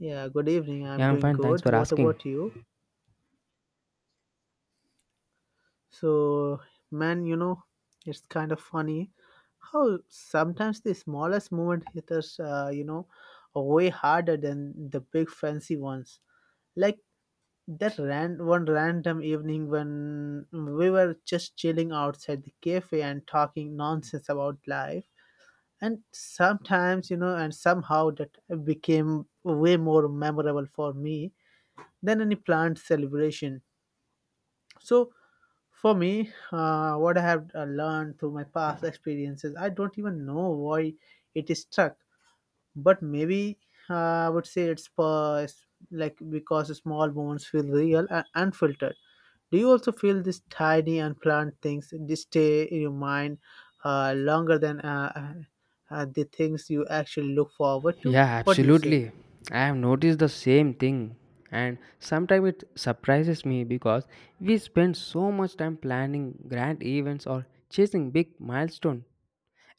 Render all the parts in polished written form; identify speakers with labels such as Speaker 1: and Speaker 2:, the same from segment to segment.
Speaker 1: Yeah, good evening. I'm
Speaker 2: Yeah, I'm
Speaker 1: doing
Speaker 2: fine. Thanks
Speaker 1: good.
Speaker 2: for
Speaker 1: What
Speaker 2: asking.
Speaker 1: about you? So, man, it's kind of funny how sometimes the smallest movement hitters, are way harder than the big fancy ones. Like that ran one random evening when we were just chilling outside the cafe and talking nonsense about life. And sometimes, you know, and somehow that became way more memorable for me than any planned celebration. So, for me, what I have learned through my past experiences, I don't even know why it is stuck, but maybe I would say like because small moments feel real and unfiltered. Do you also feel these tiny unplanned things they stay in your mind longer than the things you actually look forward to?
Speaker 2: Yeah,
Speaker 1: What do you say?
Speaker 2: absolutely. I have noticed the same thing. And sometimes it surprises me because we spend so much time planning grand events or chasing big milestones.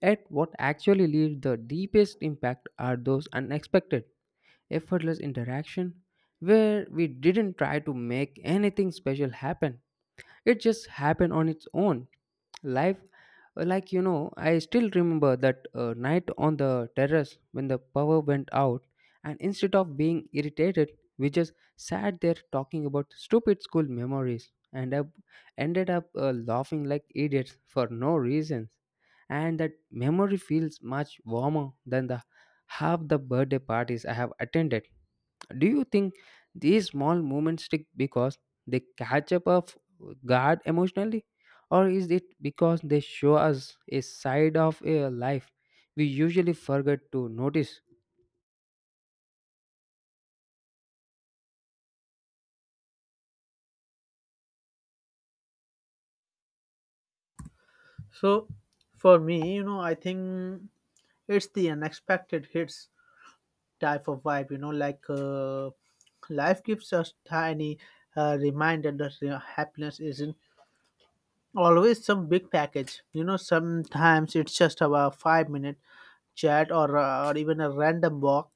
Speaker 2: Yet, what actually leaves the deepest impact are those unexpected, effortless interaction where we didn't try to make anything special happen. It just happened on its own life. Like, I still remember that night on the terrace when the power went out, and instead of being irritated, we just sat there talking about stupid school memories, and I ended up laughing like idiots for no reasons. And that memory feels much warmer than the half the birthday parties I have attended. Do you think these small moments stick because they catch up guard emotionally, or is it because they show us a side of a life we usually forget to notice?
Speaker 1: So, for me, I think it's the unexpected hits type of vibe, life gives us tiny reminder that, happiness isn't always some big package. Sometimes it's just about 5-minute chat, or even a random walk,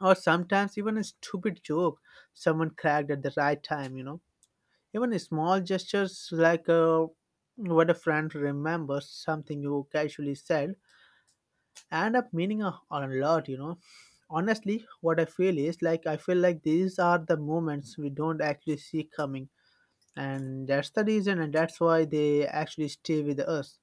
Speaker 1: or sometimes even a stupid joke someone cracked at the right time. Even small gestures, what a friend remembers something you casually said end up meaning a lot. Honestly, what I feel is like I feel like these are the moments we don't actually see coming, and that's why they actually stay with us.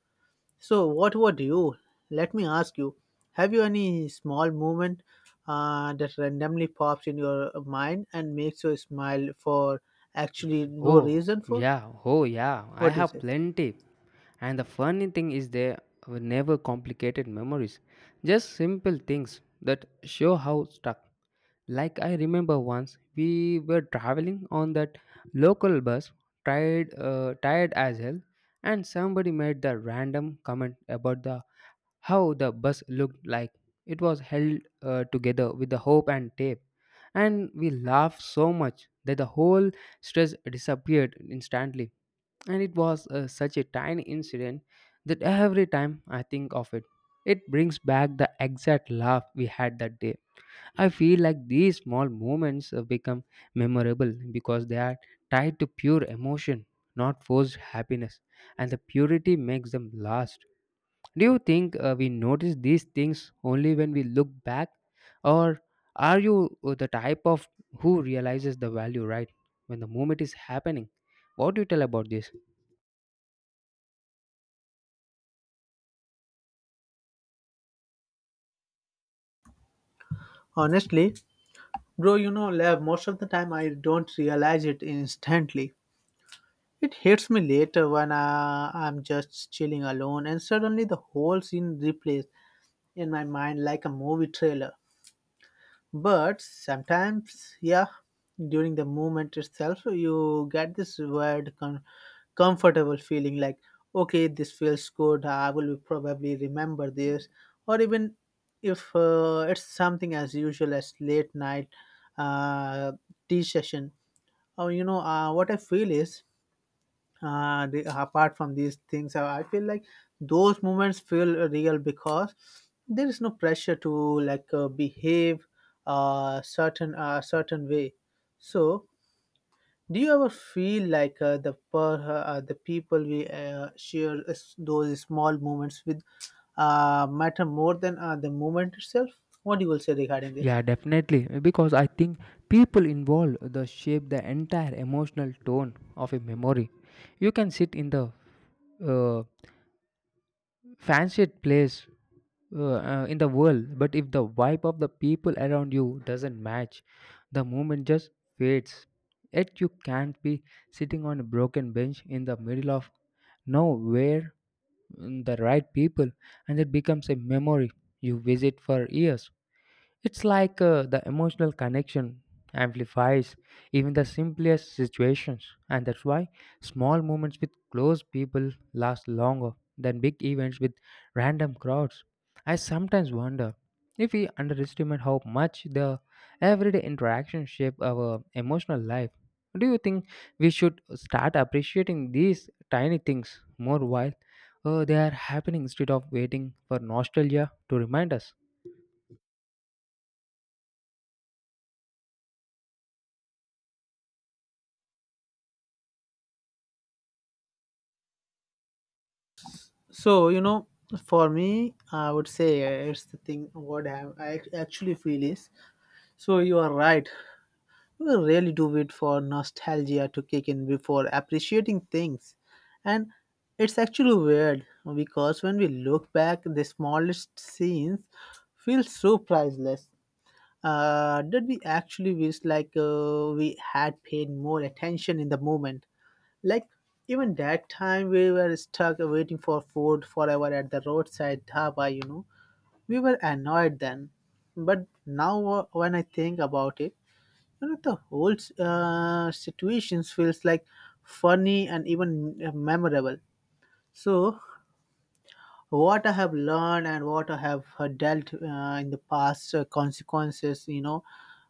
Speaker 1: So what about you? Let me ask you, have you any small moment that randomly pops in your mind and makes you smile for actually no
Speaker 2: Oh,
Speaker 1: reason for
Speaker 2: yeah, oh, yeah, I
Speaker 1: What do you
Speaker 2: have
Speaker 1: say?
Speaker 2: plenty. And the funny thing is, they were never complicated memories, just simple things that show how stuck. Like I remember once we were traveling on that local bus, tired as hell, and somebody made the random comment about the how the bus looked like. It was held together with the hope and tape, and we laughed so much that the whole stress disappeared instantly. And it was such a tiny incident that every time I think of it, it brings back the exact laugh we had that day. I feel like these small moments become memorable because they are tied to pure emotion, not forced happiness, and the purity makes them last. Do you think we notice these things only when we look back? Or are you the type of who realizes the value right when the moment is happening? What do you tell about this?
Speaker 1: Honestly, bro, love, most of the time I don't realize it instantly. It hits me later when I'm just chilling alone, and suddenly the whole scene replays in my mind like a movie trailer. But sometimes, yeah, during the moment itself, you get this weird, comfortable feeling like, okay, this feels good, I will probably remember this. Or even if it's something as usual as late night uh, tea session, or what I feel is, apart from these things, I feel like those moments feel real because there is no pressure to behave a certain way. So do you ever feel like the people we share those small moments with matter more than the moment itself? What you will say regarding this?
Speaker 2: Yeah, definitely. Because I think people involved the shape the entire emotional tone of a memory. You can sit in the uh, fanciest place in the world, but if the vibe of the people around you doesn't match, the moment just fades. Yet you can't be sitting on a broken bench in the middle of nowhere, the right people, and it becomes a memory you visit for years. It's like the emotional connection amplifies even the simplest situations, and that's why small moments with close people last longer than big events with random crowds. I sometimes wonder if we underestimate how much the everyday interactions shape our emotional life. Do you think we should start appreciating these tiny things more while they are happening instead of waiting for nostalgia to remind us?
Speaker 1: So, for me, I would say, it's the thing what I actually feel is, so you are right. We really do wait for nostalgia to kick in before appreciating things. And it's actually weird, because when we look back, the smallest scenes feel so priceless. That we actually wish, we had paid more attention in the moment. Like even that time we were stuck waiting for food forever at the roadside dhaba, you know. We were annoyed then. But now, when I think about it, you know, the whole situations feels like funny and even memorable. So, what I have learned and what I have dealt in the past consequences, you know.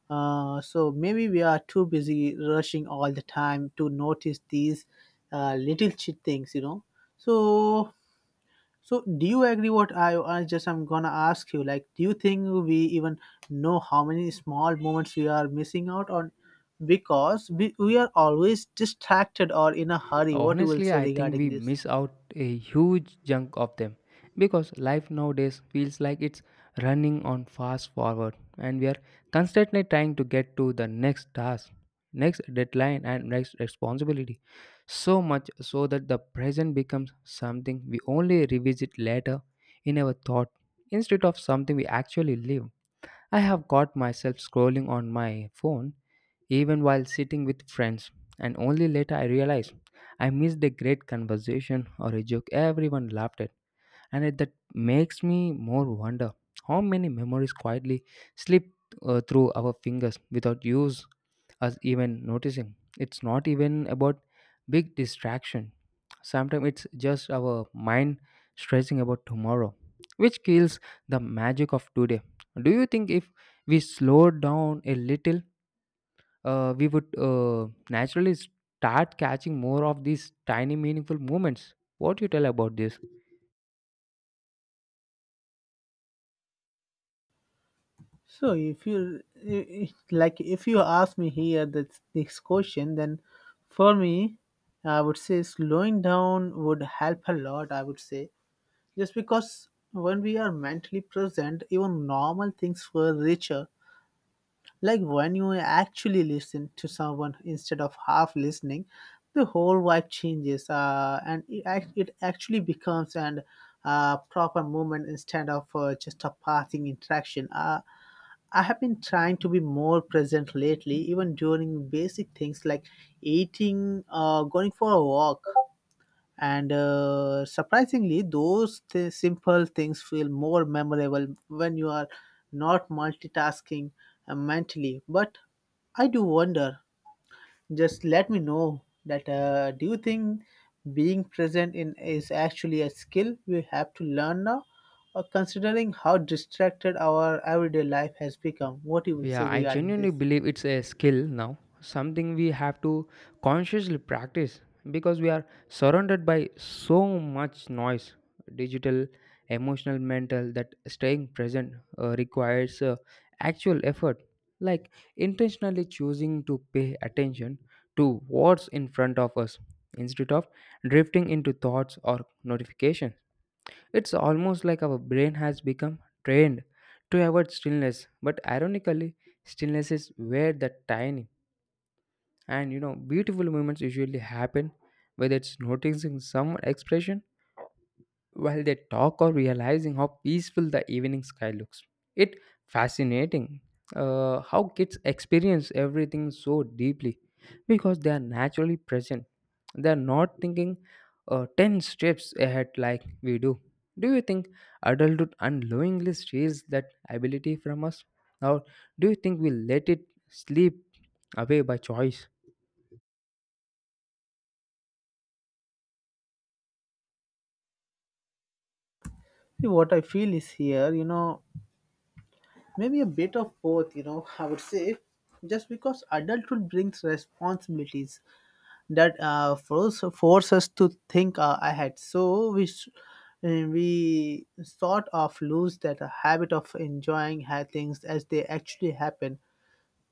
Speaker 1: So maybe we are too busy rushing all the time to notice these little shit things, you know. So so, do you agree, what I'm gonna ask you? Like, do you think we even know how many small moments we are missing out on because we are always distracted or in a hurry? What you will
Speaker 2: Honestly,
Speaker 1: say
Speaker 2: I think
Speaker 1: regarding
Speaker 2: we
Speaker 1: this?
Speaker 2: miss out a huge chunk of them because life nowadays feels like it's running on fast forward, and we are constantly trying to get to the next task, next deadline, and next responsibility. So much so that the present becomes something we only revisit later in our thought instead of something we actually live. I have got myself scrolling on my phone even while sitting with friends, and only later I realize I missed a great conversation or a joke everyone laughed at, and that makes me more wonder how many memories quietly slip through our fingers without use us even noticing. It's not even about big distraction. Sometimes it's just our mind stressing about tomorrow, which kills the magic of today. Do you think if we slow down a little, we would naturally start catching more of these tiny meaningful moments? What do you tell about this?
Speaker 1: So, if you I- like, if you ask me here this question, then for me, I would say slowing down would help a lot. I would say just because when we are mentally present, even normal things were richer. Like when you actually listen to someone instead of half listening, the whole vibe changes, and it actually becomes an proper moment instead of just a passing interaction. I have been trying to be more present lately, even during basic things like eating, going for a walk, and surprisingly those simple things feel more memorable when you are not multitasking mentally. But I do wonder, just let me know that, do you think being present in is actually a skill we have to learn now, or considering how distracted our everyday life has become? What you will say
Speaker 2: Yeah, I
Speaker 1: regarding
Speaker 2: genuinely
Speaker 1: this?
Speaker 2: believe it's a skill now, something we have to consciously practice because we are surrounded by so much noise, digital, emotional, mental, that staying present requires actual effort, like intentionally choosing to pay attention to what's in front of us instead of drifting into thoughts or notifications. It's almost like our brain has become trained to avoid stillness, but ironically, stillness is where the tiny and beautiful moments usually happen, whether it's noticing some expression while they talk or realizing how peaceful the evening sky looks. It fascinating how kids experience everything so deeply because they are naturally present. They are not thinking 10 steps ahead like we do. Do you think adulthood unknowingly steals that ability from us? Or do you think we let it sleep away by choice?
Speaker 1: See, what I feel is here, you know, maybe a bit of both, you know, I would say. Just because adulthood brings responsibilities that force us to think ahead. So we sort of lose that habit of enjoying things as they actually happen.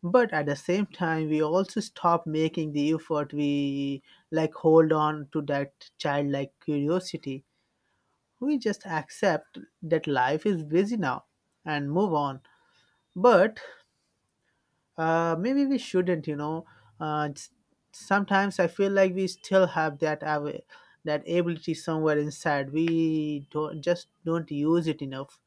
Speaker 1: But at the same time, we also stop making the effort. We like hold on to that childlike curiosity. We just accept that life is busy now and move on. But maybe we shouldn't, you know. Uh, s- Sometimes I feel like we still have that that ability somewhere inside. We don't just don't use it enough.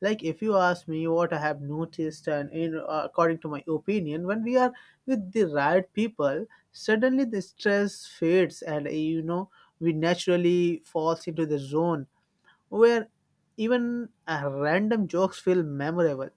Speaker 1: Like if you ask me what I have noticed, and in, according to my opinion, when we are with the right people, suddenly the stress fades, and, you know, we naturally falls into the zone where even random jokes feel memorable.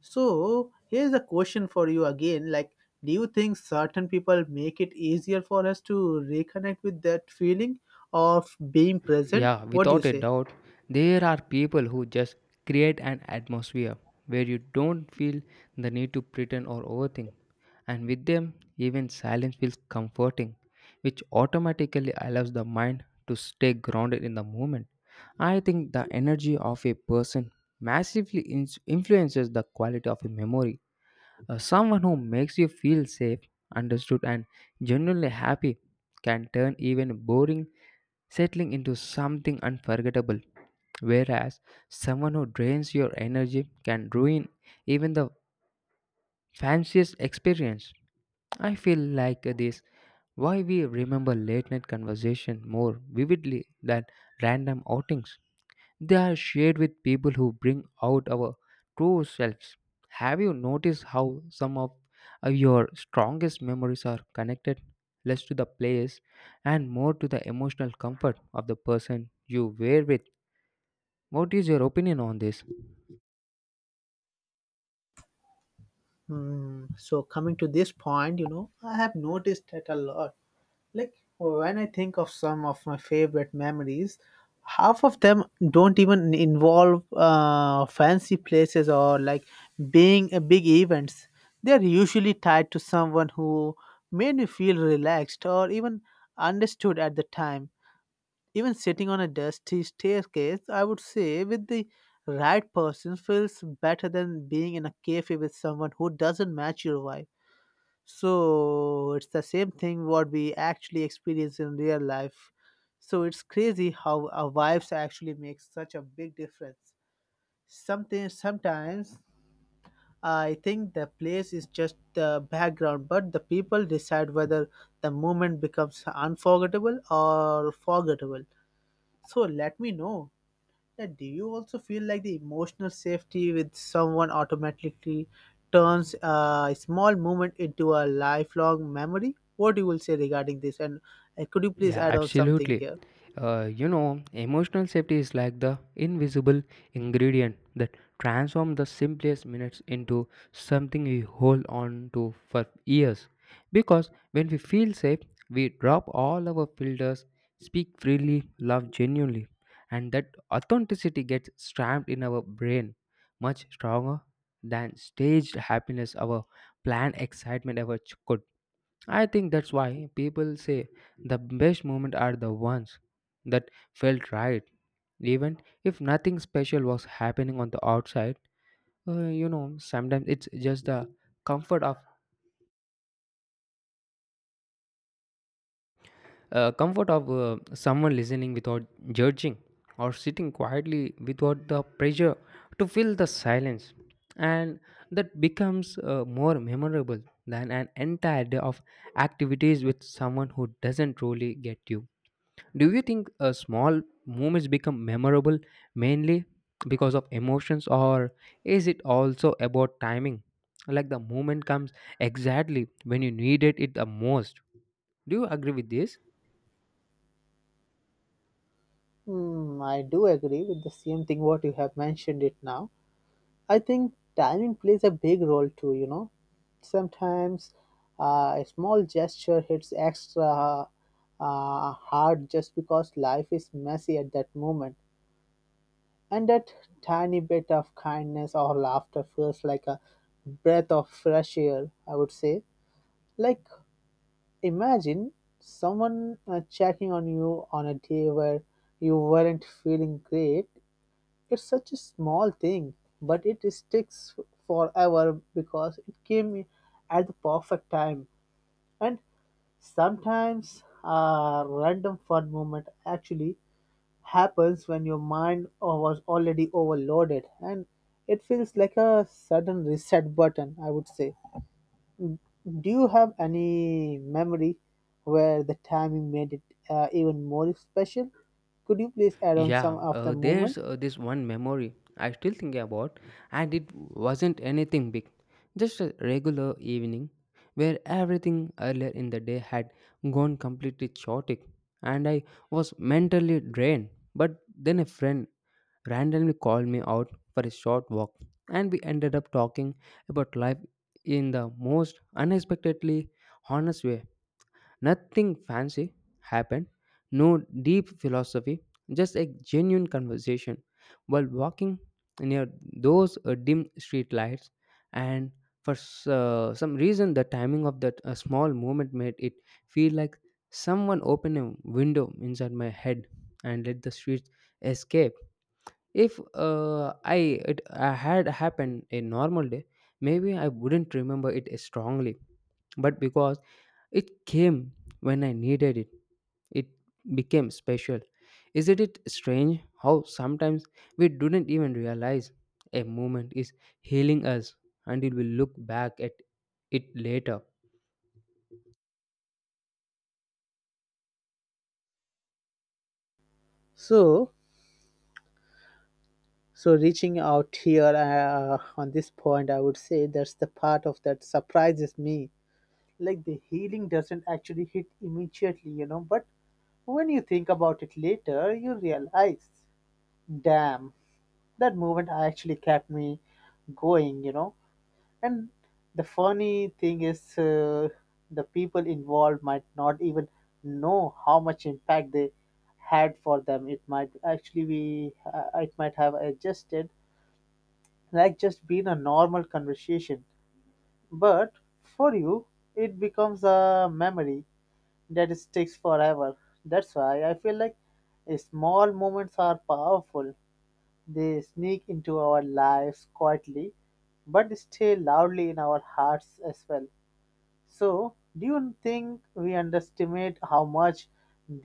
Speaker 1: So here's a question for you again. Like, do you think certain people make it easier for us to reconnect with that feeling of being present?
Speaker 2: Yeah,
Speaker 1: What do you
Speaker 2: without a
Speaker 1: say?
Speaker 2: doubt, there are people who just create an atmosphere where you don't feel the need to pretend or overthink. And with them, even silence feels comforting, which automatically allows the mind to stay grounded in the moment. I think the energy of a person massively influences the quality of a memory. Someone who makes you feel safe, understood, and genuinely happy can turn even boring settling into something unforgettable. Whereas someone who drains your energy can ruin even the fanciest experience. I feel like this why we remember late night conversation more vividly than random outings. They are shared with people who bring out our true selves. Have you noticed how some of your strongest memories are connected less to the place and more to the emotional comfort of the person you were with? What is your opinion on this?
Speaker 1: Hmm. So coming to this point, you know, I have noticed that a lot. Like when I think of some of my favorite memories, half of them don't even involve fancy places or like being a big events. They are usually tied to someone who made me feel relaxed or even understood at the time. Even sitting on a dusty staircase, I would say, with the right person feels better than being in a cafe with someone who doesn't match your vibe. So it's the same thing what we actually experience in real life. So it's crazy how our vibes actually make such a big difference. Something sometimes I think the place is just the background, but the people decide whether the moment becomes unforgettable or forgettable. So let me know. Yeah, do you also feel like the emotional safety with someone automatically turns a small moment into a lifelong memory? What you will say regarding this? And, could you please
Speaker 2: Yeah,
Speaker 1: add on something
Speaker 2: absolutely.
Speaker 1: here?
Speaker 2: Emotional safety is like the invisible ingredient that transforms the simplest minutes into something we hold on to for years. Because when we feel safe, we drop all our filters, speak freely, love genuinely, and that authenticity gets stamped in our brain much stronger than staged happiness, our planned excitement ever could. I think that's why people say the best moments are the ones that felt right. Even if nothing special was happening on the outside, sometimes it's just the comfort of someone listening without judging, or sitting quietly without the pressure to fill the silence, and that becomes more memorable than an entire day of activities with someone who doesn't truly get you. Do you think small moments become memorable mainly because of emotions, or is it also about timing? Like the moment comes exactly when you needed it the most. Do you agree with this?
Speaker 1: Hmm, I do agree with the same thing what you have mentioned it now. I think timing plays a big role too, you know. Sometimes a small gesture hits extra hard just because life is messy at that moment. And that tiny bit of kindness or laughter feels like a breath of fresh air, I would say. Like, imagine someone checking on you on a day where you weren't feeling great. It's such a small thing, but it sticks forever because it came at the perfect time. And sometimes a random fun moment actually happens when your mind was already overloaded, and it feels like a sudden reset button, I would say. Do you have any memory where the timing made it even more special? Could you please add on
Speaker 2: Yeah,
Speaker 1: some of the moment?
Speaker 2: there's this one memory I still think about, and it wasn't anything big, just a regular evening where everything earlier in the day had gone completely chaotic, and I was mentally drained. But then a friend randomly called me out for a short walk, and we ended up talking about life in the most unexpectedly honest way. Nothing fancy happened, no deep philosophy, just a genuine conversation. While walking near those dim street lights, and for some reason, the timing of that small moment made it feel like someone opened a window inside my head and let the streets escape. If I it had happened a normal day, maybe I wouldn't remember it strongly. But because it came when I needed it, it became special. Isn't it strange how sometimes we didn't even realize a moment is healing us until we look back at it later?
Speaker 1: So so reaching out here on this point, I would say that's the part of that surprises me. Like the healing doesn't actually hit immediately, you know, but when you think about it later you realize, damn, that moment actually kept me going, you know. And the funny thing is, the people involved might not even know how much impact they had. For them, it might actually be it might have adjusted like just being a normal conversation. But for you it becomes a memory that sticks forever. That's why I feel like small moments are powerful. They sneak into our lives quietly, but stay loudly in our hearts as well. So, do you think we underestimate how much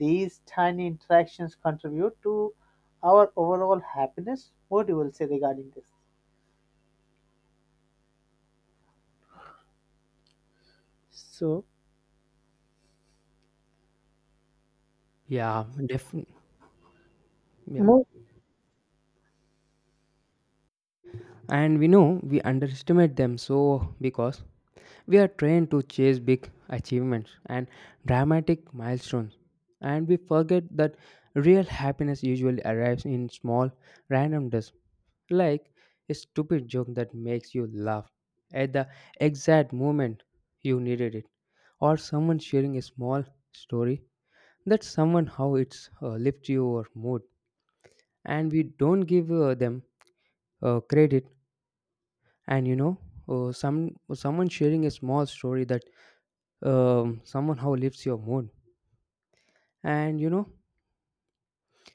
Speaker 1: these tiny interactions contribute to our overall happiness? What you will say regarding this? So,
Speaker 2: Yeah, definitely. Yeah.
Speaker 1: mo-
Speaker 2: And we know we underestimate them so because we are trained to chase big achievements and dramatic milestones, and we forget that real happiness usually arrives in small, random dust, like a stupid joke that makes you laugh at the exact moment you needed it, or someone sharing a small story that someone how it's lifts your mood, and we don't give them credit. And you know, someone sharing a small story that somehow lifts your mood. And you know,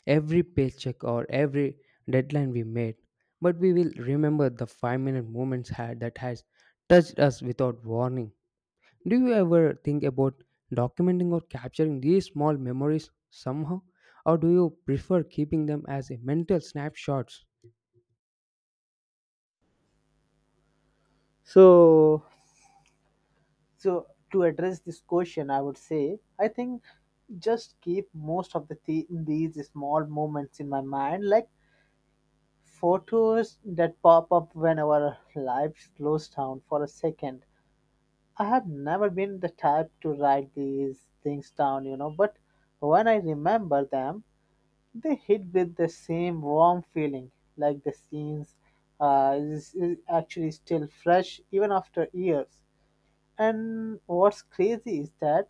Speaker 2: every paycheck or every deadline we made, but we will remember the 5-minute moments had that has touched us without warning. Do you ever think about documenting or capturing these small memories somehow, or do you prefer keeping them as a mental snapshots?
Speaker 1: so, so, to address this question, I would say, I think just keep most of the these small moments in my mind, like photos that pop up when our life slows down for a second. I have never been the type to write these things down, you know, but when I remember them, they hit with the same warm feeling, like the scenes is actually still fresh even after years. And what's crazy is that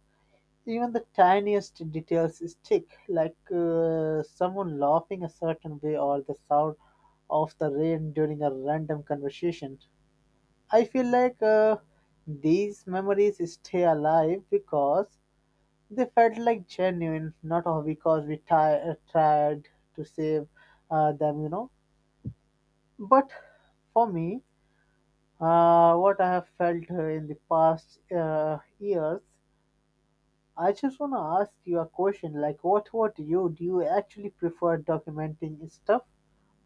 Speaker 1: even the tiniest details stick, like someone laughing a certain way or the sound of the rain during a random conversation. I feel like these memories stay alive because they felt like genuine, not all because we tried to save them. But for me, what I have felt in the past years, I just want to ask you a question like, what would you do? You actually prefer documenting stuff,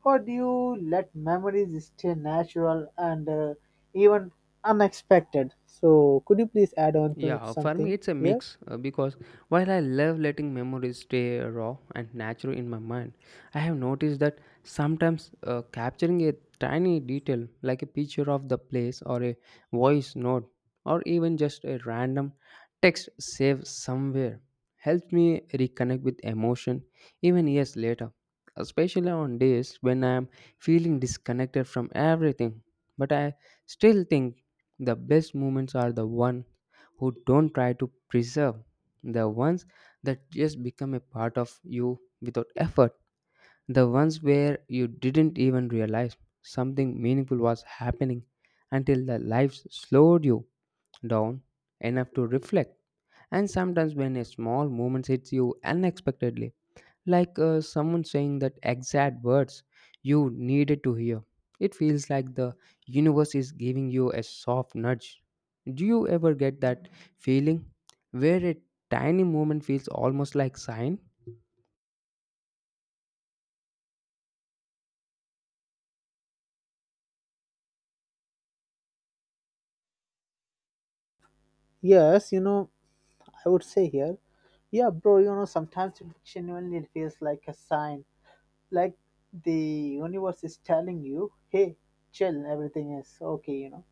Speaker 1: or do you let memories stay natural and, even unexpected? So, could you please add on to
Speaker 2: Yeah, for me
Speaker 1: something
Speaker 2: it's a
Speaker 1: here?
Speaker 2: mix because while I love letting memories stay raw and natural in my mind, I have noticed that sometimes capturing a tiny detail like a picture of the place or a voice note or even just a random text saved somewhere helps me reconnect with emotion even years later, especially on days when I am feeling disconnected from everything. But I still think the best moments are the one who don't try to preserve, the ones that just become a part of you without effort, the ones where you didn't even realize something meaningful was happening until the life slowed you down enough to reflect. And sometimes when a small moment hits you unexpectedly, like someone saying that exact words you needed to hear. It feels like the universe is giving you a soft nudge. Do you ever get that feeling where a tiny moment feels almost like sign?
Speaker 1: Yes, you know, I would say here, yeah, bro, you know, sometimes it genuinely feels like a sign, like the universe is telling you, hey, chill, everything is okay, you know,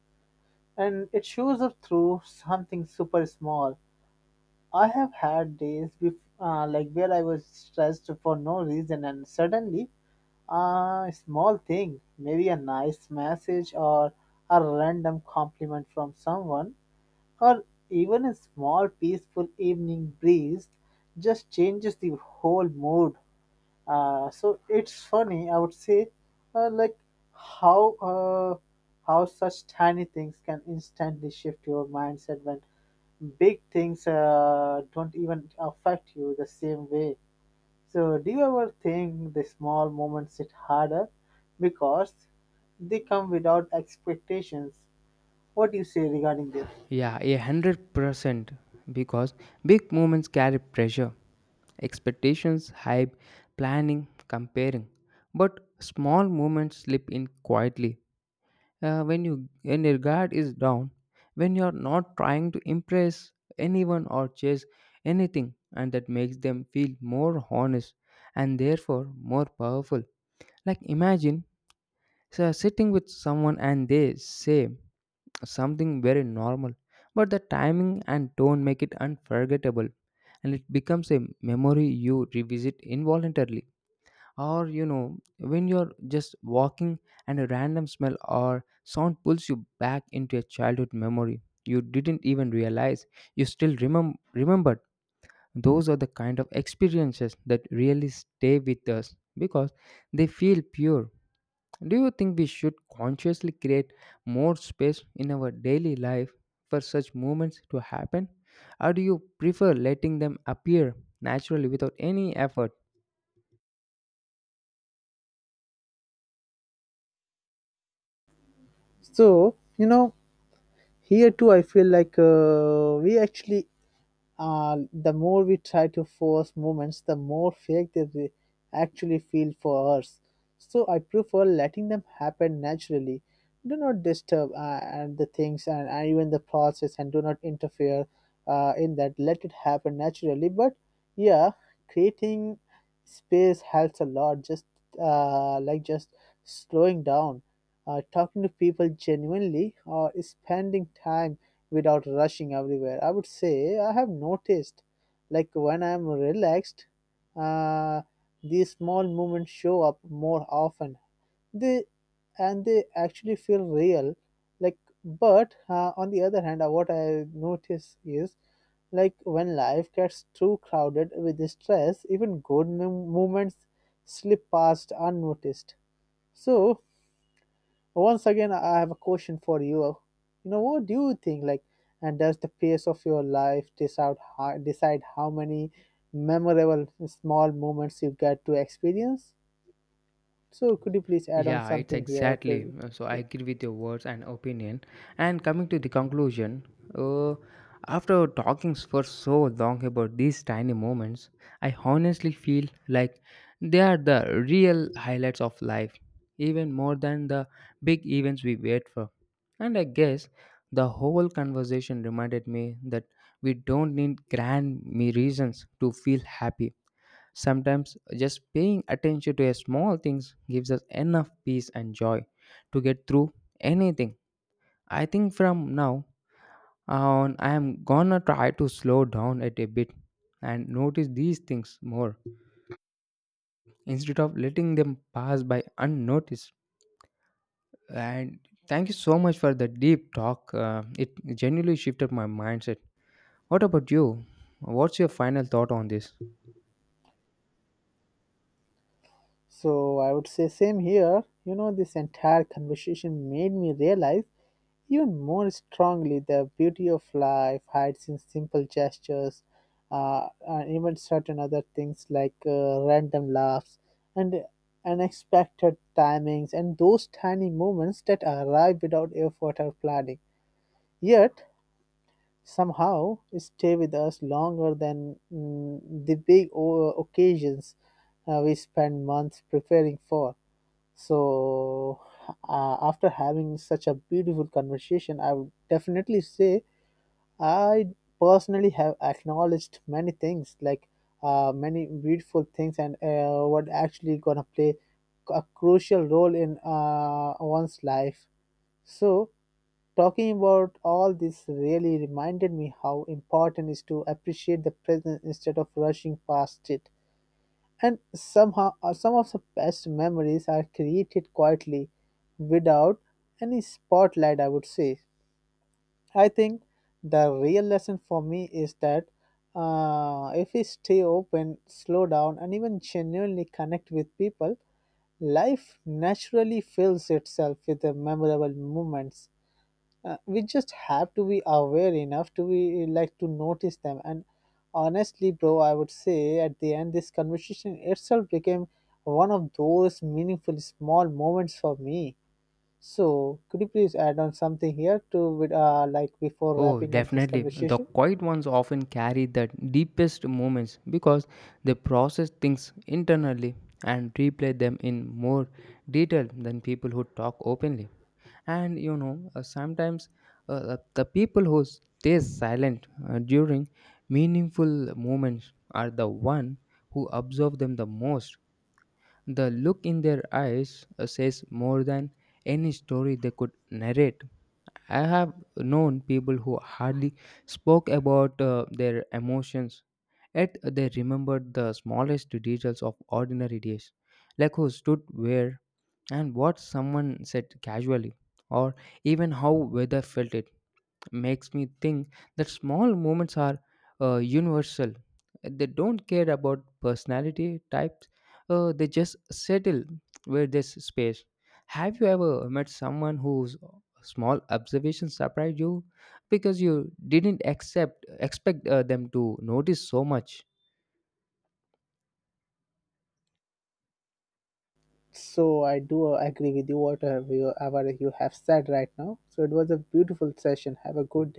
Speaker 1: and it shows up through something super small. I have had days like where I was stressed for no reason, and suddenly a small thing, maybe a nice message or a random compliment from someone, or even a small peaceful evening breeze, just changes the whole mood. So it's funny, I would say, like how uh, how such tiny things can instantly shift your mindset when big things don't even affect you the same way. So do you ever think the small moments hit harder because they come without expectations? What do you say regarding this?
Speaker 2: Yeah, 100%. Because big moments carry pressure, expectations, hype, planning, comparing. But small moments slip in quietly when your guard is down, when you're not trying to impress anyone or chase anything, and that makes them feel more honest and therefore more powerful. Like imagine so sitting with someone and they say something very normal, but the timing and tone make it unforgettable, and it becomes a memory you revisit involuntarily. Or you know when you're just walking and a random smell or sound pulls you back into a childhood memory you didn't even realize you still remembered. Those are the kind of experiences that really stay with us because they feel pure. Do you think we should consciously create more space in our daily life for such moments to happen, or do you prefer letting them appear naturally without any effort?
Speaker 1: So, you know, here too, I feel like we actually, the more we try to force moments, the more fake they actually feel for us. So I prefer letting them happen naturally. Do not disturb and the things and, even the process, and do not interfere in that. Let it happen naturally. But yeah, creating space helps a lot, just like just slowing down, talking to people genuinely, or spending time without rushing everywhere. I would say I have noticed, like when I'm relaxed, uh, these small moments show up more often. They And they actually feel real. Like, but on the other hand, what I notice is like when life gets too crowded with stress, even good moments slip past unnoticed. So, once again, I have a question for you. You know, what do you think? Like, and does the pace of your life decide decide how many memorable small moments you get to experience? So, could you please add on
Speaker 2: Yeah, it's
Speaker 1: something here,
Speaker 2: exactly.
Speaker 1: Phil?
Speaker 2: So I agree with your words and opinion. And coming to the conclusion, uh, after talking for so long about these tiny moments, I honestly feel like they are the real highlights of life, even more than the big events we wait for. And I guess the whole conversation reminded me that we don't need grand me reasons to feel happy. Sometimes just paying attention to a small things gives us enough peace and joy to get through anything. I think from now on I am gonna try to slow down it a bit and notice these things more instead of letting them pass by unnoticed. And thank you so much for the deep talk. It genuinely shifted my mindset. What about you? What's your final thought on this?
Speaker 1: So I would say same here. You know, this entire conversation made me realize even more strongly, the beauty of life hides in simple gestures, and even certain other things like random laughs and unexpected timings, and those tiny moments that arrive without effort or planning. Yet, somehow, stay with us longer than the big occasions we spend months preparing for. So, after having such a beautiful conversation, I would definitely say I personally have acknowledged many things, like many beautiful things, and what actually gonna play a crucial role in one's life. So, talking about all this really reminded me how important is to appreciate the present instead of rushing past it. And somehow, some of the best memories are created quietly without any spotlight, I would say. I think the real lesson for me is that if we stay open, slow down, and even genuinely connect with people, life naturally fills itself with the memorable moments. Uh, we just have to be aware enough to be like to notice them. And honestly, bro, I would say at the end this conversation itself became one of those meaningful small moments for me. So could you please add on something here to with, like, before
Speaker 2: Oh,
Speaker 1: wrapping up this
Speaker 2: definitely. The
Speaker 1: conversation?
Speaker 2: quiet ones often carry the deepest moments because they process things internally and replay them in more detail than people who talk openly. And you know, sometimes the people who stay silent during meaningful moments are the one who observe them the most. The look in their eyes says more than any story they could narrate. I have known people who hardly spoke about their emotions, yet they remembered the smallest details of ordinary days, like who stood where and what someone said casually, or even how weather felt. It makes me think that small moments are universal. They don't care about personality types. They just settle where there's space. Have you ever met someone whose small observation surprised you because you didn't expect them to notice so much?
Speaker 1: So I do agree with you, whatever you have said right now. So it was a beautiful session. Have a good